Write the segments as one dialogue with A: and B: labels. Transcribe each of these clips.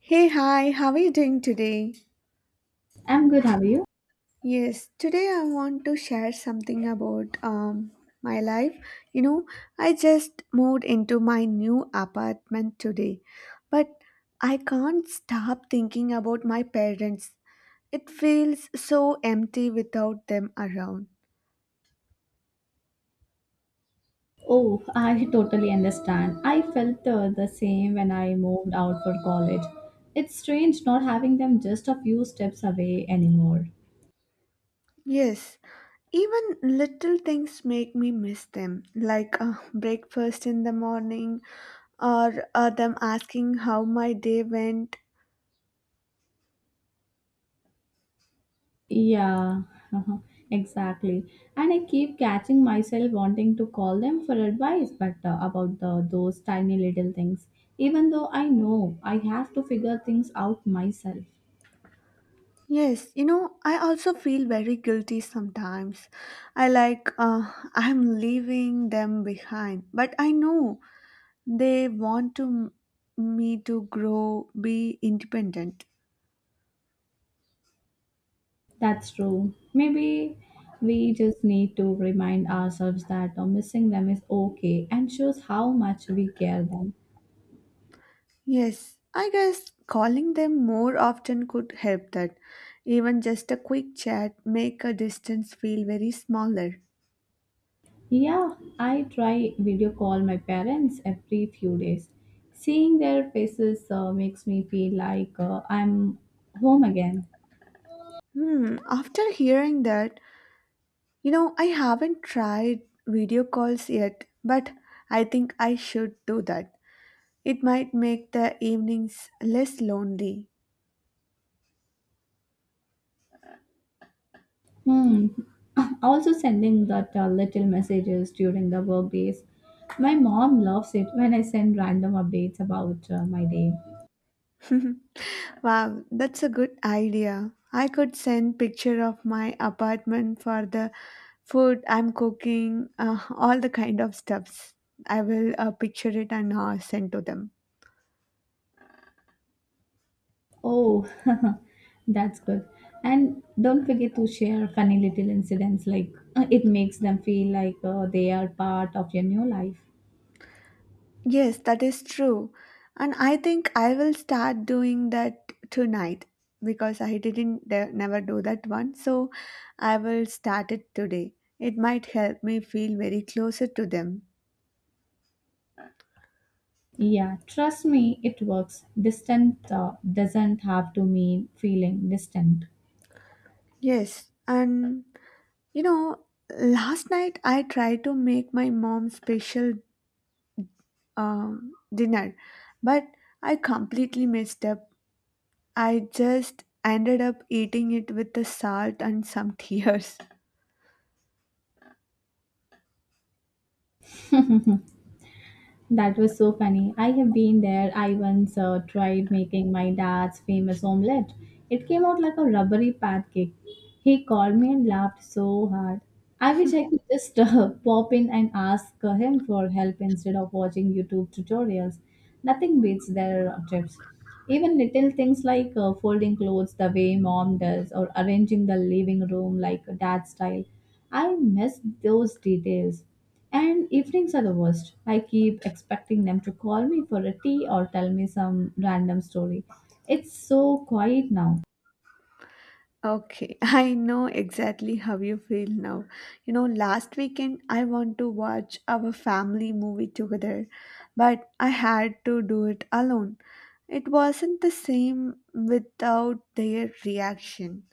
A: Hey, hi, how are you doing today?
B: I'm good, how are you?
A: Yes, today I want to share something about my life. You know, I just moved into my new apartment today, but I can't stop thinking about my parents. It feels so empty without them around.
B: Oh, I totally understand. I felt the same when I moved out for college. It's strange not having them just a few steps away anymore.
A: Yes, even little things make me miss them, like breakfast in the morning or them asking how my day went.
B: Yeah, exactly. And I keep catching myself wanting to call them for advice, but about those tiny little things, even though I know I have to figure things out myself.
A: Yes, you know, I also feel very guilty sometimes. I'm leaving them behind, but I know they want to m- me to grow, be independent.
B: That's true. Maybe we just need to remind ourselves that missing them is okay and shows how much we care them.
A: Yes, I guess calling them more often could help that. Even just a quick chat make a distance feel very smaller.
B: Yeah, I try video call my parents every few days. Seeing their faces makes me feel like I'm home again.
A: Hmm, after hearing that, you know, I haven't tried video calls yet, but I think I should do that. It might make the evenings less lonely.
B: Hmm. Also sending that little messages during the work days. My mom loves it when I send random updates about my day.
A: Wow, that's a good idea. I could send picture of my apartment for the food I'm cooking, all the kind of stuffs. I will picture it and send to them.
B: Oh, that's good. And don't forget to share funny little incidents, like it makes them feel like they are part of your new life.
A: Yes, that is true. And I think I will start doing that tonight because I didn't de- never do that one. So I will start it today. It might help me feel very closer to them.
B: Yeah, trust me, it works. Distant doesn't have to mean feeling distant.
A: Yes, and you know, last night I tried to make my mom special dinner, but I completely messed up. I just ended up eating it with the salt and some tears.
B: That was so funny. I have been there. I once tried making my dad's famous omelette. It came out like a rubbery pancake. He called me and laughed so hard. I wish I could just pop in and ask him for help instead of watching YouTube tutorials. Nothing beats their tips. Even little things like folding clothes the way mom does or arranging the living room like dad style. I miss those details. And evenings are the worst. I keep expecting them to call me for a tea or tell me some random story. It's so quiet now.
A: Okay, I know exactly how you feel now. You know, last weekend I want to watch our family movie together, but I had to do it alone. It wasn't the same without their reaction.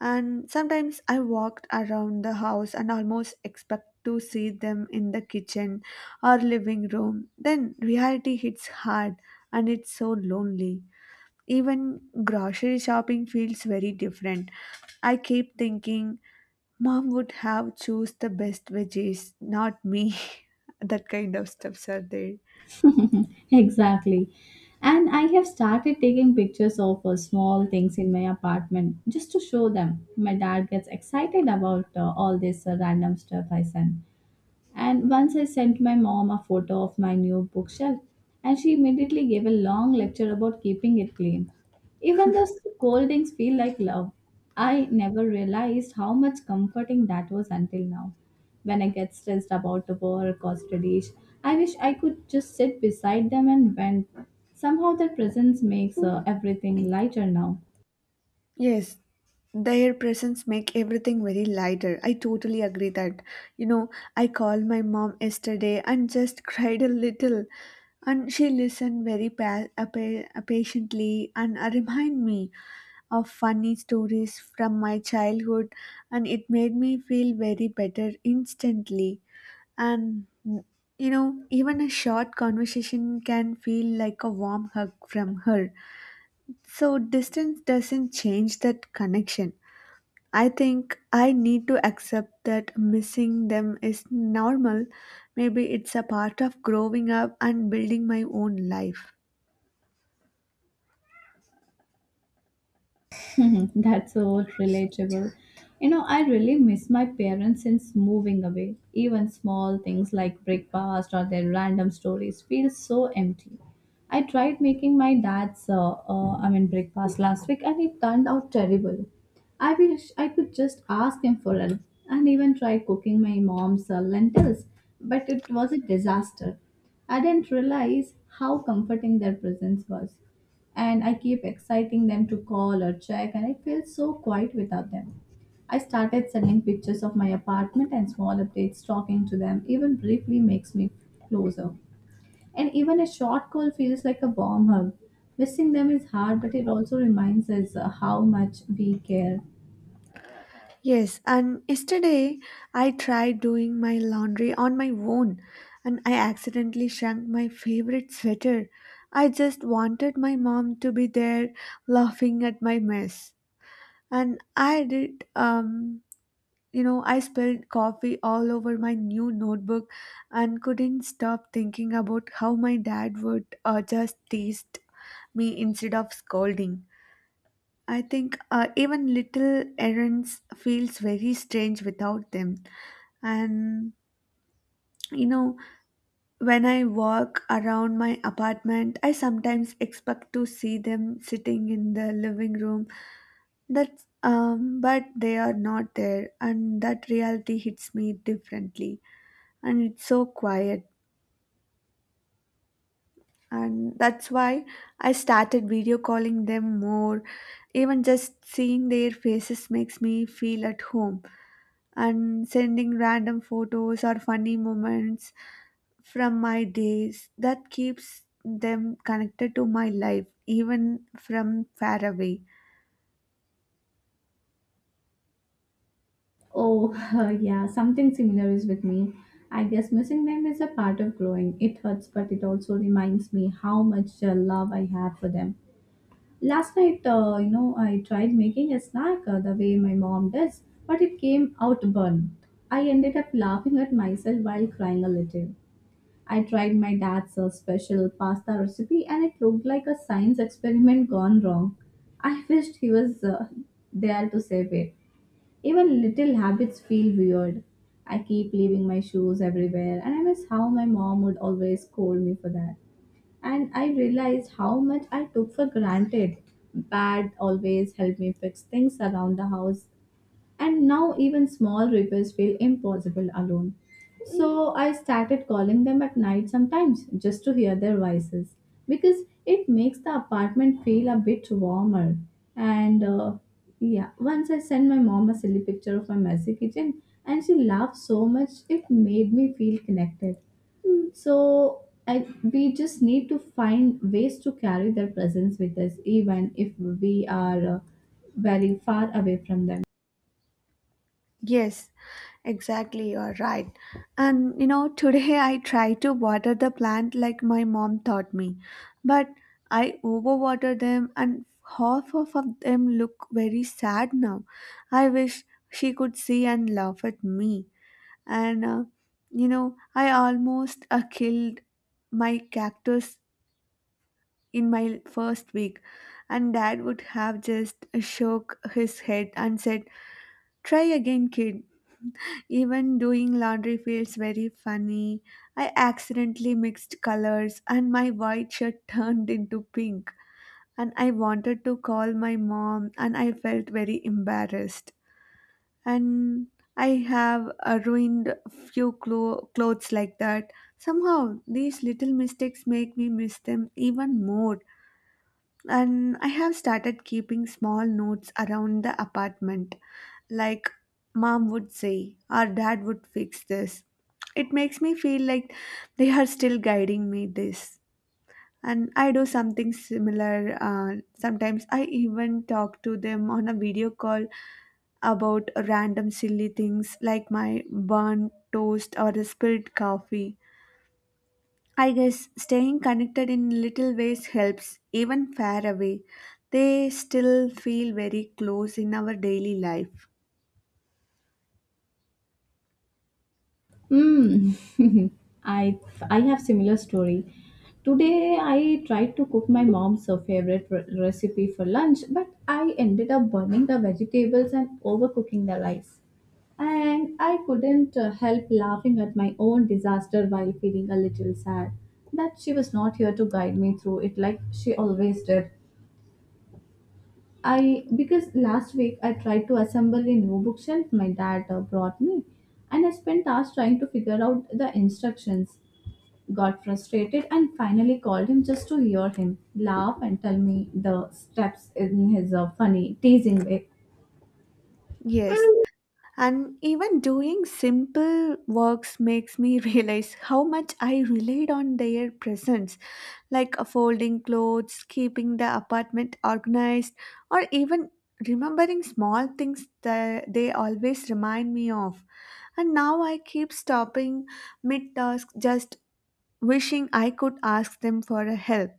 A: And sometimes I walked around the house and almost expect to see them in the kitchen or living room. Then reality hits hard and it's so lonely. Even grocery shopping feels very different. I keep thinking mom would have choose the best veggies, not me. That kind of stuffs are there.
B: exactly. And I have started taking pictures of small things in my apartment just to show them. My dad gets excited about all this random stuff I send. And once I sent my mom a photo of my new bookshelf, and she immediately gave a long lecture about keeping it clean. Even the scoldings feel like love. I never realized how much comforting that was until now. When I get stressed about work or studies, I wish I could just sit beside them and vent. Somehow their presence makes everything lighter now.
A: Yes, their presence make everything very lighter. I totally agree that. You know, I called my mom yesterday and just cried a little, and she listened very patiently and remind me of funny stories from my childhood, and it made me feel very better instantly. And you know, even a short conversation can feel like a warm hug from her. So distance doesn't change that connection. I think I need to accept that missing them is normal. Maybe it's a part of growing up and building my own life.
B: That's so relatable. You know, I really miss my parents since moving away. Even small things like breakfast or their random stories feel so empty. I tried making my breakfast last week and it turned out terrible. I wish I could just ask him for help and even try cooking my mom's lentils, but it was a disaster. I didn't realize how comforting their presence was and I keep exciting them to call or check, and I feel so quiet without them. I started sending pictures of my apartment and small updates, talking to them, even briefly makes me closer. And even a short call feels like a warm hug. Missing them is hard, but it also reminds us how much we care.
A: Yes, and yesterday I tried doing my laundry on my own and I accidentally shrunk my favorite sweater. I just wanted my mom to be there laughing at my mess. And I did You know, I spilled coffee all over my new notebook and couldn't stop thinking about how my dad would just tease me instead of scolding. I think even little errands feels very strange without them. And you know, when I walk around my apartment, I sometimes expect to see them sitting in the living room. That's But they are not there, and that reality hits me differently. And it's so quiet, and that's why I started video calling them more. Even just seeing their faces makes me feel at home, and sending random photos or funny moments from my days that keeps them connected to my life even from far away.
B: Oh, yeah, something similar is with me. I guess missing them is a part of growing. It hurts, but it also reminds me how much love I have for them. Last night, you know, I tried making a snack the way my mom does, but it came out burnt. I ended up laughing at myself while crying a little. I tried my dad's special pasta recipe and it looked like a science experiment gone wrong. I wished he was there to save it. Even little habits feel weird. I keep leaving my shoes everywhere and I miss how my mom would always scold me for that and I realized how much I took for granted. Dad always helped me fix things around the house, and now even small repairs feel impossible alone. So I started calling them at night sometimes just to hear their voices because it makes the apartment feel a bit warmer. And yeah, once I sent my mom a silly picture of my messy kitchen and she laughed so much it made me feel connected. So I, we just need to find ways to carry their presence with us even if we are very far away from them.
A: Yes, exactly. You're right. And you know, today I try to water the plant like my mom taught me, but I overwater them, and half of them look very sad now. I wish she could see and laugh at me. And you know, I almost killed my cactus in my first week, and dad would have just shook his head and said, try again, kid. Even doing laundry feels very funny. I accidentally mixed colors and my white shirt turned into pink. And I wanted to call my mom and I felt very embarrassed. And I have ruined clothes like that. Somehow these little mistakes make me miss them even more, and I have started keeping small notes around the apartment. Like mom would say, or dad would fix this. It makes me feel like they are still guiding me this. And I do something similar. Sometimes I even talk to them on a video call about random silly things like my burnt toast or a spilled coffee. I guess staying connected in little ways helps, even far away. They still feel very close in our daily life.
B: Mm. I I have similar story. Today I tried to cook my mom's favorite recipe for lunch, but I ended up burning the vegetables and overcooking the rice. And I couldn't help laughing at my own disaster while feeling a little sad that she was not here to guide me through it like she always did. I because last week I tried to assemble a new bookshelf my dad brought me, and I spent hours trying to figure out the instructions. Got frustrated and finally called him just to hear him laugh and tell me the steps in his funny, teasing way.
A: Yes, and even doing simple works makes me realize how much I relied on their presence, like folding clothes, keeping the apartment organized, or even remembering small things that they always remind me of. And now I keep stopping mid task just wishing I could ask them for a help.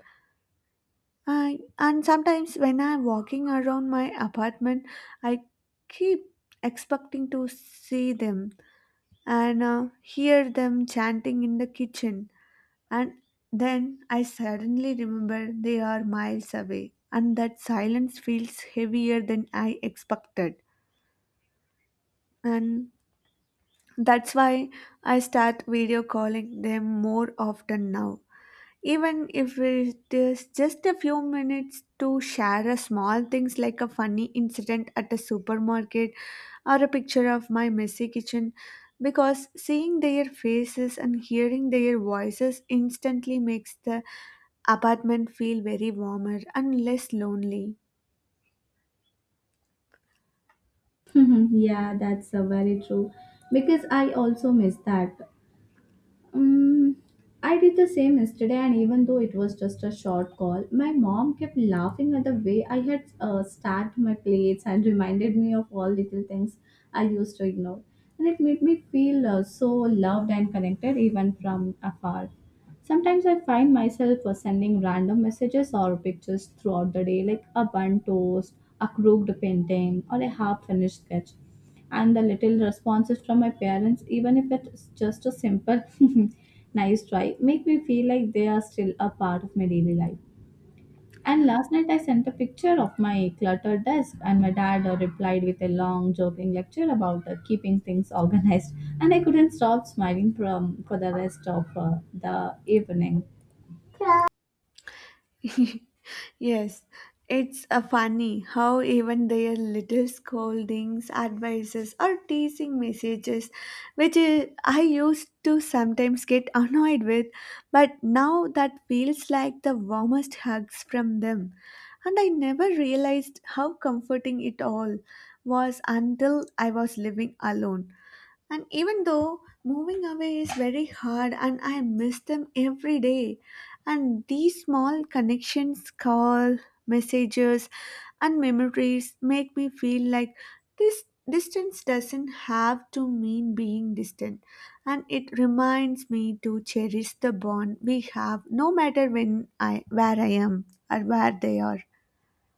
A: And sometimes when I'm walking around my apartment, I keep expecting to see them and hear them chanting in the kitchen. And then I suddenly remember they are miles away, and that silence feels heavier than I expected. And that's why I start video calling them more often now. Even if it is just a few minutes to share a small things like a funny incident at a supermarket or a picture of my messy kitchen, because seeing their faces and hearing their voices instantly makes the apartment feel very warmer and less lonely.
B: yeah, that's very true. Because I also miss that. Um, I did the same yesterday, and even though it was just a short call, my mom kept laughing at the way I had stacked my plates and reminded me of all little things I used to ignore. And it made me feel so loved and connected even from afar. Sometimes I find myself sending random messages or pictures throughout the day, like a bun toast, a crooked painting, or a half finished sketch and the little responses from my parents, even if it's just a simple nice try, make me feel like they are still a part of my daily life. And last night I sent a picture of my cluttered desk, and my dad replied with a long, joking lecture about keeping things organized. And I couldn't stop smiling from for the rest of the evening.
A: Yes, it's a funny how even their little scoldings, advices, or teasing messages, which is, I used to sometimes get annoyed with, but now that feels like the warmest hugs from them. And I never realized how comforting it all was until I was living alone. And even though moving away is very hard and I miss them every day. And these small connections, call, messages and memories make me feel like this distance doesn't have to mean being distant, and it reminds me to cherish the bond we have no matter when I where I am or where they are.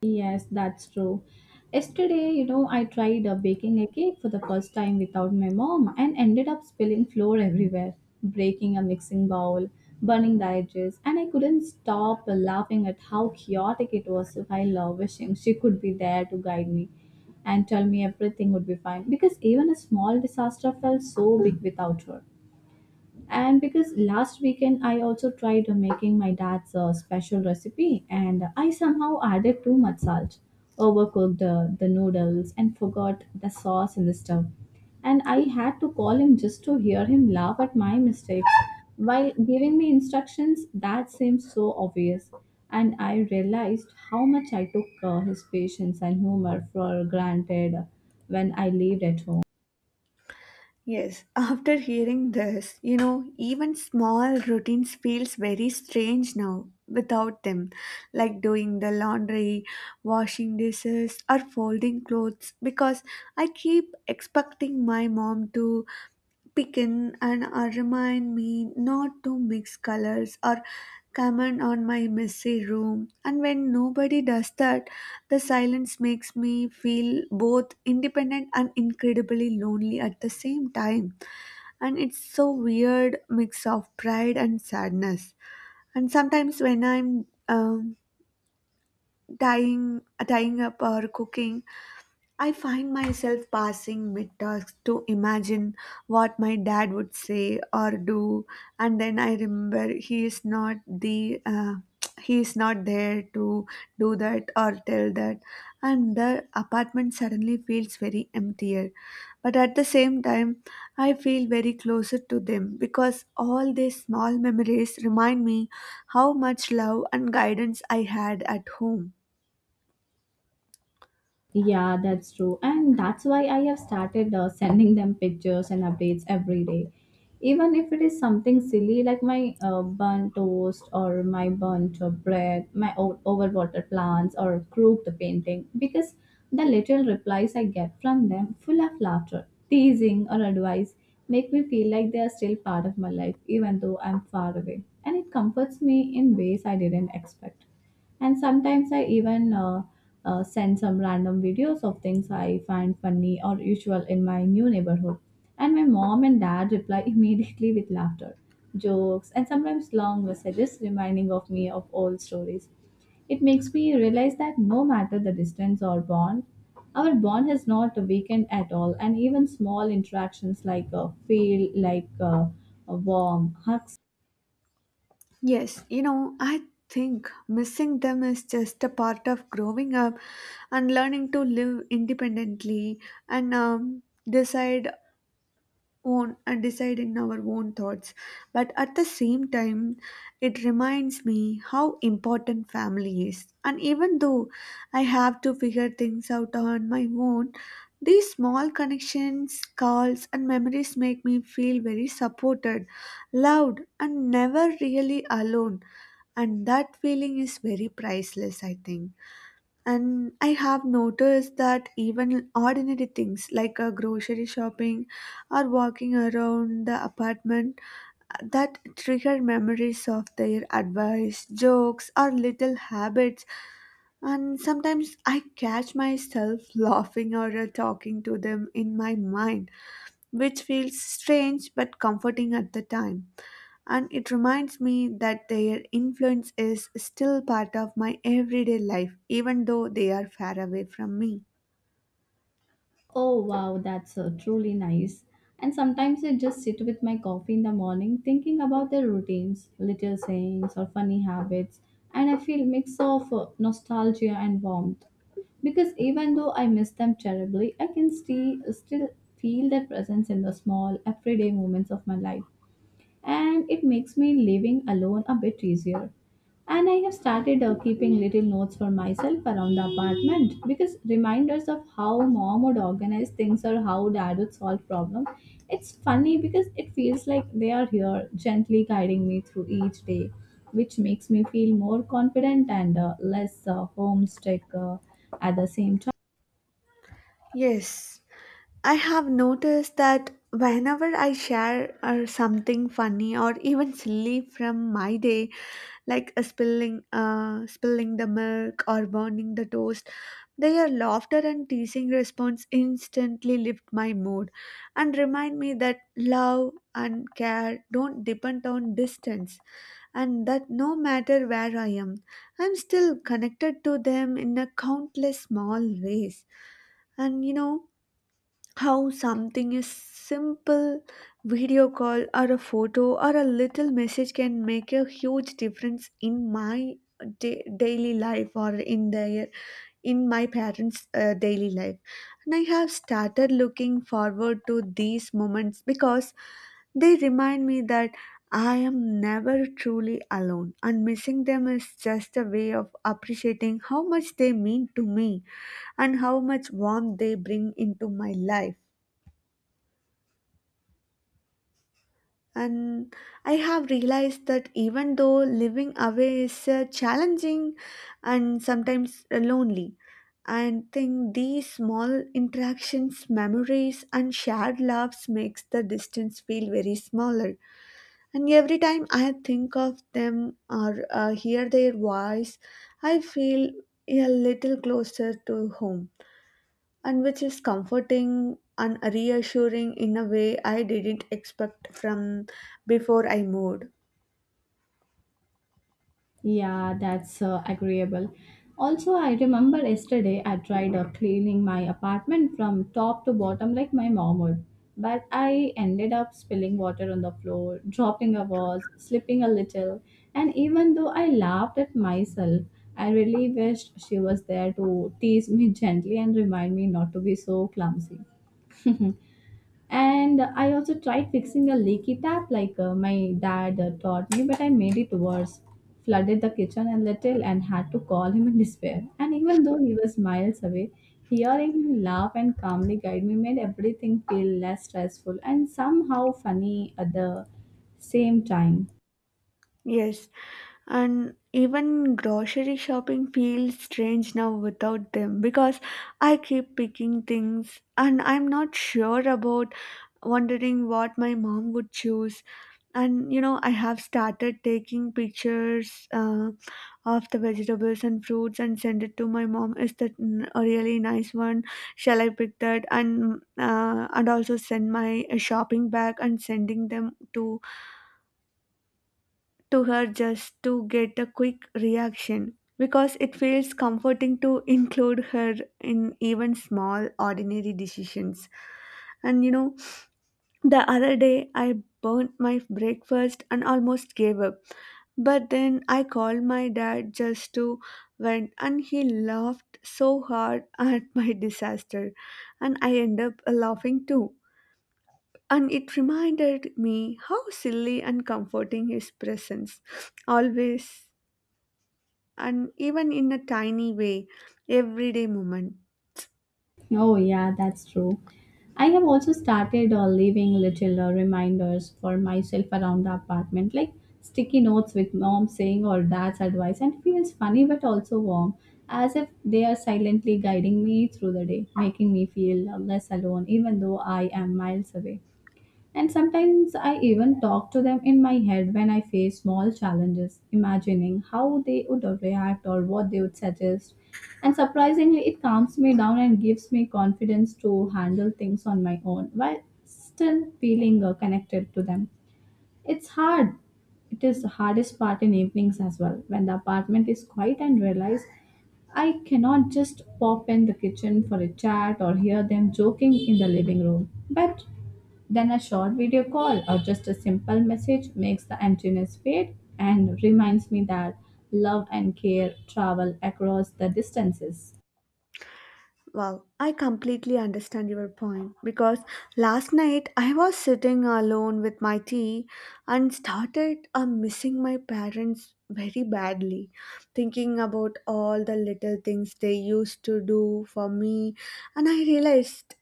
B: Yes, that's true. Yesterday, you know, I tried baking a cake for the first time without my mom and ended up spilling flour everywhere, breaking a mixing bowl, burning the edges, and I couldn't stop laughing at how chaotic it was while wishing she could be there to guide me and tell me everything would be fine because even a small disaster felt so big without her. And because last weekend I also tried making my dad's special recipe and I somehow added too much salt, overcooked the noodles, and forgot the sauce in the stove. And I had to call him just to hear him laugh at my mistakes while giving me instructions that seemed so obvious. And I realized how much I took his patience and humor for granted when I lived at home.
A: Yes, after hearing this, you know, even small routines feels very strange now without them, like doing the laundry, washing dishes, or folding clothes, because I keep expecting my mom to pick in and remind me not to mix colors or comment on my messy room. And when nobody does that, the silence makes me feel both independent and incredibly lonely at the same time, and it's so weird mix of pride and sadness. And sometimes when I'm tying tying up or cooking, I find myself passing mid tasks to imagine what my dad would say or do, and then I remember he is not the he is not there to do that or tell that, and the apartment suddenly feels very emptier. But at the same time, I feel very closer to them because all these small memories remind me how much love and guidance I had at home.
B: Yeah, that's true. And that's why I have started sending them pictures and updates every day. Even if it is something silly like my burnt toast or my burnt bread, my overwatered plants or crooked painting, because the little replies I get from them, full of laughter, teasing, or advice, make me feel like they are still part of my life, even though I'm far away. And it comforts me in ways I didn't expect. And sometimes I even send some random videos of things I find funny or usual in my new neighborhood. And my mom and dad reply immediately with laughter, jokes, and sometimes long messages reminding of me of old stories. It makes me realize that no matter the distance or bond, our bond has not weakened at all, and even small interactions like a feel like a warm hug.
A: Yes, you know, I think missing them is just a part of growing up and learning to live independently and decide decide in our own thoughts. But at the same time, it reminds me how important family is. And even though I have to figure things out on my own, these small connections, calls, and memories make me feel very supported, loved, and never really alone. And that feeling is very priceless, I think. And I have noticed that even ordinary things like a grocery shopping or walking around the apartment that trigger memories of their advice jokes or little habits. And sometimes I catch myself laughing or talking to them in my mind, which feels strange but comforting at the time. And it reminds me that their influence is still part of my everyday life, even though they are far away from me.
B: Oh wow, that's truly nice. And sometimes I just sit with my coffee in the morning thinking about their routines, little sayings, or funny habits, and I feel mix of nostalgia and warmth. Because even though I miss them terribly, I can still feel their presence in the small everyday moments of my life and it makes me living alone a bit easier. And I have started keeping little notes for myself around the apartment because reminders of how mom would organize things or how dad would solve problems. It's funny because it feels like they are here gently guiding me through each day, which makes me feel more confident and less homesick at the same time.
A: Yes, I have noticed that whenever I share something funny or even silly from my day, like a spilling the milk or burning the toast, their laughter and teasing response instantly lift my mood and remind me that love and care don't depend on distance, and that no matter where I am, I'm still connected to them in a countless small ways. And you know how something is simple video call or a photo or a little message can make a huge difference in my daily life or in their in my parents' daily life. And I have started looking forward to these moments because they remind me that I am never truly alone, and missing them is just a way of appreciating how much they mean to me and how much warmth they bring into my life. And I have realized that even though living away is challenging and sometimes lonely, I think these small interactions, memories, and shared laughs makes the distance feel very smaller. And every time I think of them or hear their voice, I feel a little closer to home, and which is comforting and reassuring in a way I didn't expect from before I moved.
B: Yeah, that's agreeable. Also, I remember yesterday I tried cleaning my apartment from top to bottom like my mom would, but I ended up spilling water on the floor, dropping a vase, slipping a little, and even though I laughed at myself, I really wished she was there to tease me gently and remind me not to be so clumsy. And I also tried fixing a leaky tap like my dad taught me, but I made it worse. Flooded the kitchen a little and had to call him in despair. And even though he was miles away, hearing him laugh and calmly guide me made everything feel less stressful and somehow funny at the same time.
A: Yes, and even grocery shopping feels strange now without them, because I keep picking things and I'm not sure about, wondering what my mom would choose. And you know, I have started taking pictures of the vegetables and fruits and send it to my mom. Is that a really nice one? Shall I pick that? And also send my shopping bag and sending them to her, just to get a quick reaction, because it feels comforting to include her in even small ordinary decisions. And you know, the other day I burnt my breakfast and almost gave up, but then I called my dad just to vent, and he laughed so hard at my disaster, and I ended up laughing too. And it reminded me how silly and comforting his presence always, and even in a tiny way, everyday moment.
B: Oh, yeah, that's true. I have also started leaving little reminders for myself around the apartment, like sticky notes with mom saying or dad's advice, and it feels funny but also warm, as if they are silently guiding me through the day, making me feel less alone, even though I am miles away. And sometimes I even talk to them in my head when I face small challenges, imagining how they would react or what they would suggest. And surprisingly, it calms me down and gives me confidence to handle things on my own while still feeling connected to them. It's hard. It is the hardest part in evenings as well, when the apartment is quiet and realize I cannot just pop in the kitchen for a chat or hear them joking in the living room. But then a short video call or just a simple message makes the emptiness fade and reminds me that love and care travel across the distances.
A: Wow, I completely understand your point, because last night I was sitting alone with my tea and started missing my parents very badly, thinking about all the little things they used to do for me. And I realized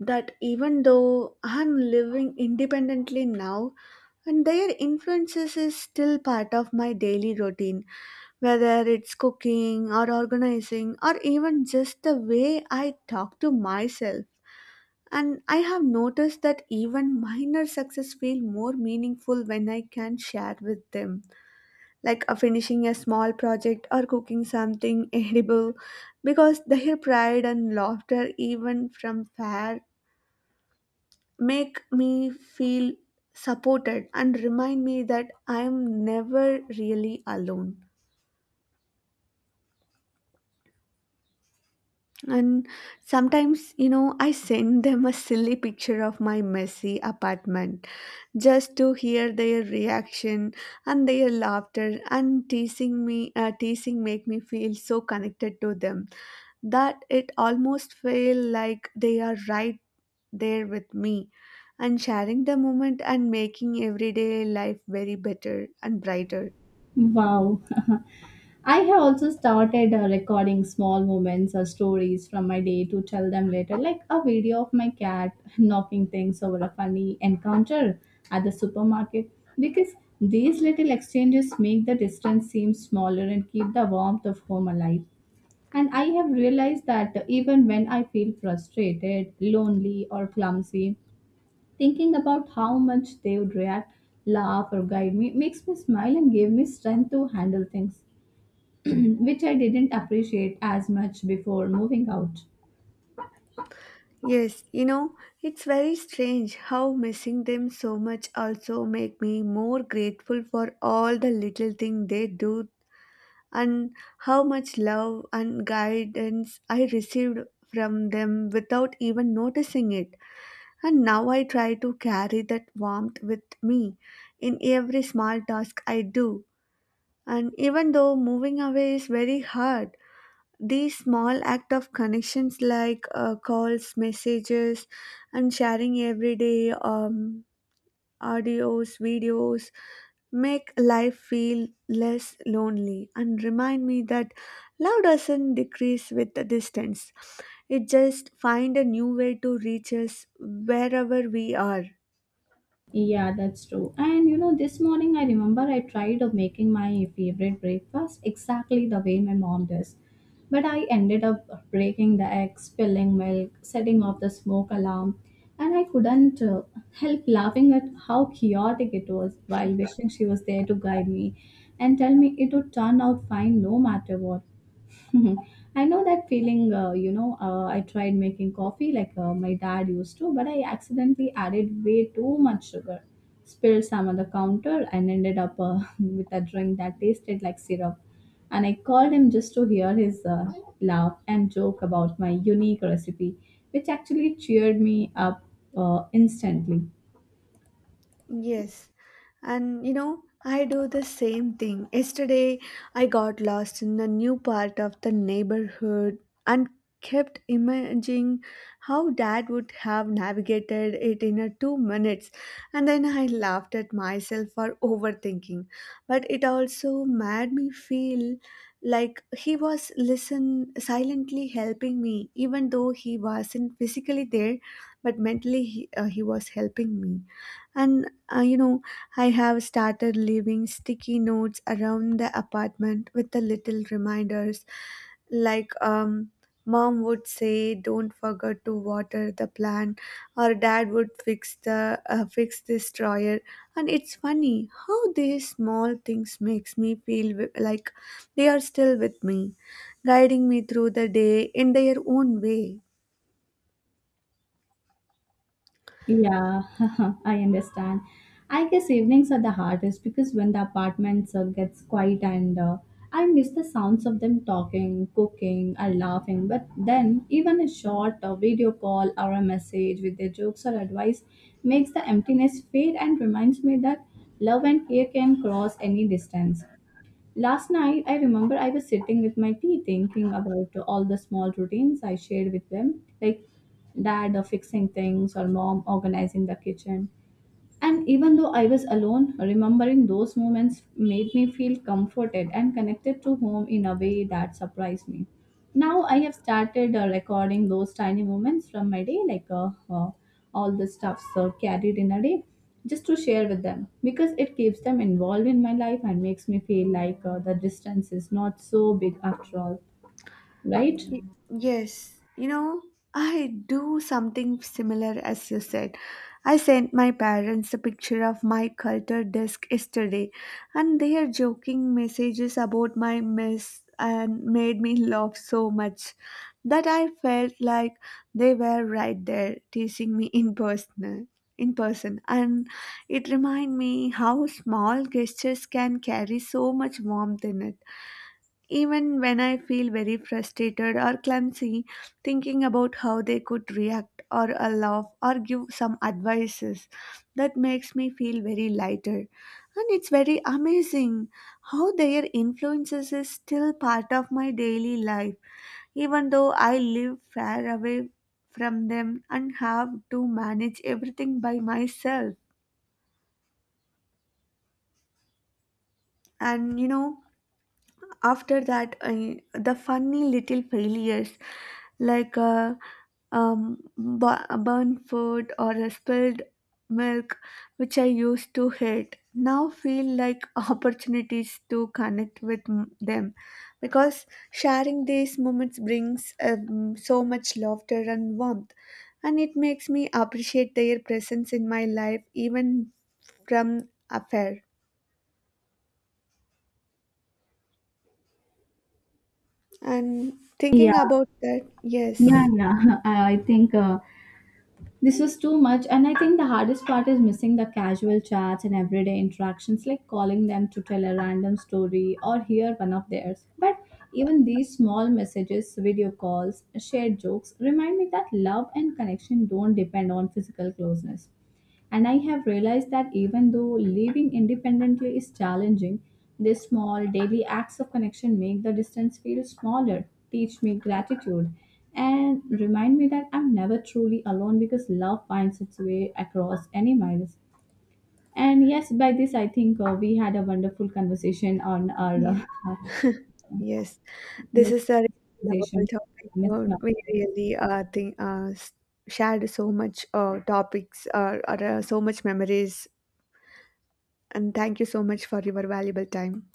A: that even though I'm living independently now, and their influences is still part of my daily routine, whether it's cooking or organizing or even just the way I talk to myself. And I have noticed that even minor success feel more meaningful when I can share with them, like finishing a small project or cooking something edible, because their pride and laughter, even from fair, make me feel supported and remind me that I am never really alone. And sometimes, you know, I send them a silly picture of my messy apartment just to hear their reaction, and their laughter and teasing me, teasing make me feel so connected to them that it almost feel like they are right there with me and sharing the moment and making everyday life very better and brighter.
B: Wow. I have also started recording small moments or stories from my day to tell them later, like a video of my cat knocking things over a funny encounter at the supermarket. Because these little exchanges make the distance seem smaller and keep the warmth of home alive. And I have realized that even when I feel frustrated, lonely, or clumsy, thinking about how much they would react, laugh, or guide me makes me smile and give me strength to handle things, which I didn't appreciate as much before moving out.
A: Yes, you know, it's very strange how missing them so much also make me more grateful for all the little thing they do, and how much love and guidance I received from them without even noticing it. And now I try to carry that warmth with me in every small task I do. And even though moving away is very hard, these small act of connections, like calls, messages, and sharing everyday audios, videos, make life feel less lonely and remind me that love doesn't decrease with the distance. It just find a new way to reach us wherever we are.
B: Yeah, that's true. And this morning I remember I tried of making my favorite breakfast exactly the way my mom does. But I ended up breaking the egg, spilling milk, setting off the smoke alarm, and I couldn't help laughing at how chaotic it was while wishing she was there to guide me and tell me it would turn out fine no matter what. I know that feeling, I tried making coffee like my dad used to, but I accidentally added way too much sugar, spilled some on the counter, and ended up with a drink that tasted like syrup. And I called him just to hear his laugh and joke about my unique recipe, which actually cheered me up instantly.
A: Yes. And you know, I do the same thing. Yesterday, I got lost in a new part of the neighborhood and kept imagining how dad would have navigated it in a 2 minutes. And then I laughed at myself for overthinking. But it also made me feel like he was listen silently helping me, even though he wasn't physically there, but mentally he was helping me. And you know, I have started leaving sticky notes around the apartment with the little reminders, like mom would say, don't forget to water the plant, or dad would fix the fix this dryer. And it's funny how these small things makes me feel like they are still with me, guiding me through the day in their own way.
B: Yeah, I understand. I guess evenings are the hardest because when the apartment gets quiet and I miss the sounds of them talking, cooking, and laughing. But then, even a short video call or a message with their jokes or advice makes the emptiness fade and reminds me that love and care can cross any distance. Last night, I remember I was sitting with my tea thinking about all the small routines I shared with them, like dad fixing things or mom organizing the kitchen. And even though I was alone, remembering those moments made me feel comforted and connected to home in a way that surprised me. Now I have started recording those tiny moments from my day, like all the stuffs carried in a day, just to share with them because it keeps them involved in my life and makes me feel like the distance is not so big after all, right?
A: Y- Yes, you know, I do something similar as you said. I sent my parents a picture of my culture desk yesterday, and their joking messages about my mess and made me laugh so much that I felt like they were right there teasing me in person. In person. And it reminded me how small gestures can carry so much warmth in it. Even when I feel very frustrated or clumsy, thinking about how they could react or laugh or give some advices, that makes me feel very lighter. And it's very amazing how their influences is still part of my daily life, even though I live far away from them and have to manage everything by myself. And you know, after that I, the funny little failures, like burnt food or a spilled milk, which I used to hate, now feel like opportunities to connect with them, because sharing these moments brings so much laughter and warmth, and it makes me appreciate their presence in my life even from afar. And
B: Yeah,
A: thinking about that,
B: yeah,
A: yes.
B: yeah. I think this was too much, and I think the hardest part is missing the casual chats and everyday interactions, like calling them to tell a random story or hear one of theirs. But even these small messages, video calls, shared jokes remind me that love and connection don't depend on physical closeness. And I have realized that even though living independently is challenging, these small daily acts of connection make the distance feel smaller, teach me gratitude, and remind me that I'm never truly alone because love finds its way across any miles. And yes, by this, I think we had a wonderful conversation on our uh,
A: Yes, this is a really lovable
B: conversation.
A: topic.
B: Missing out.
A: We really think shared so much topics or so much memories, and thank you so much for your valuable time.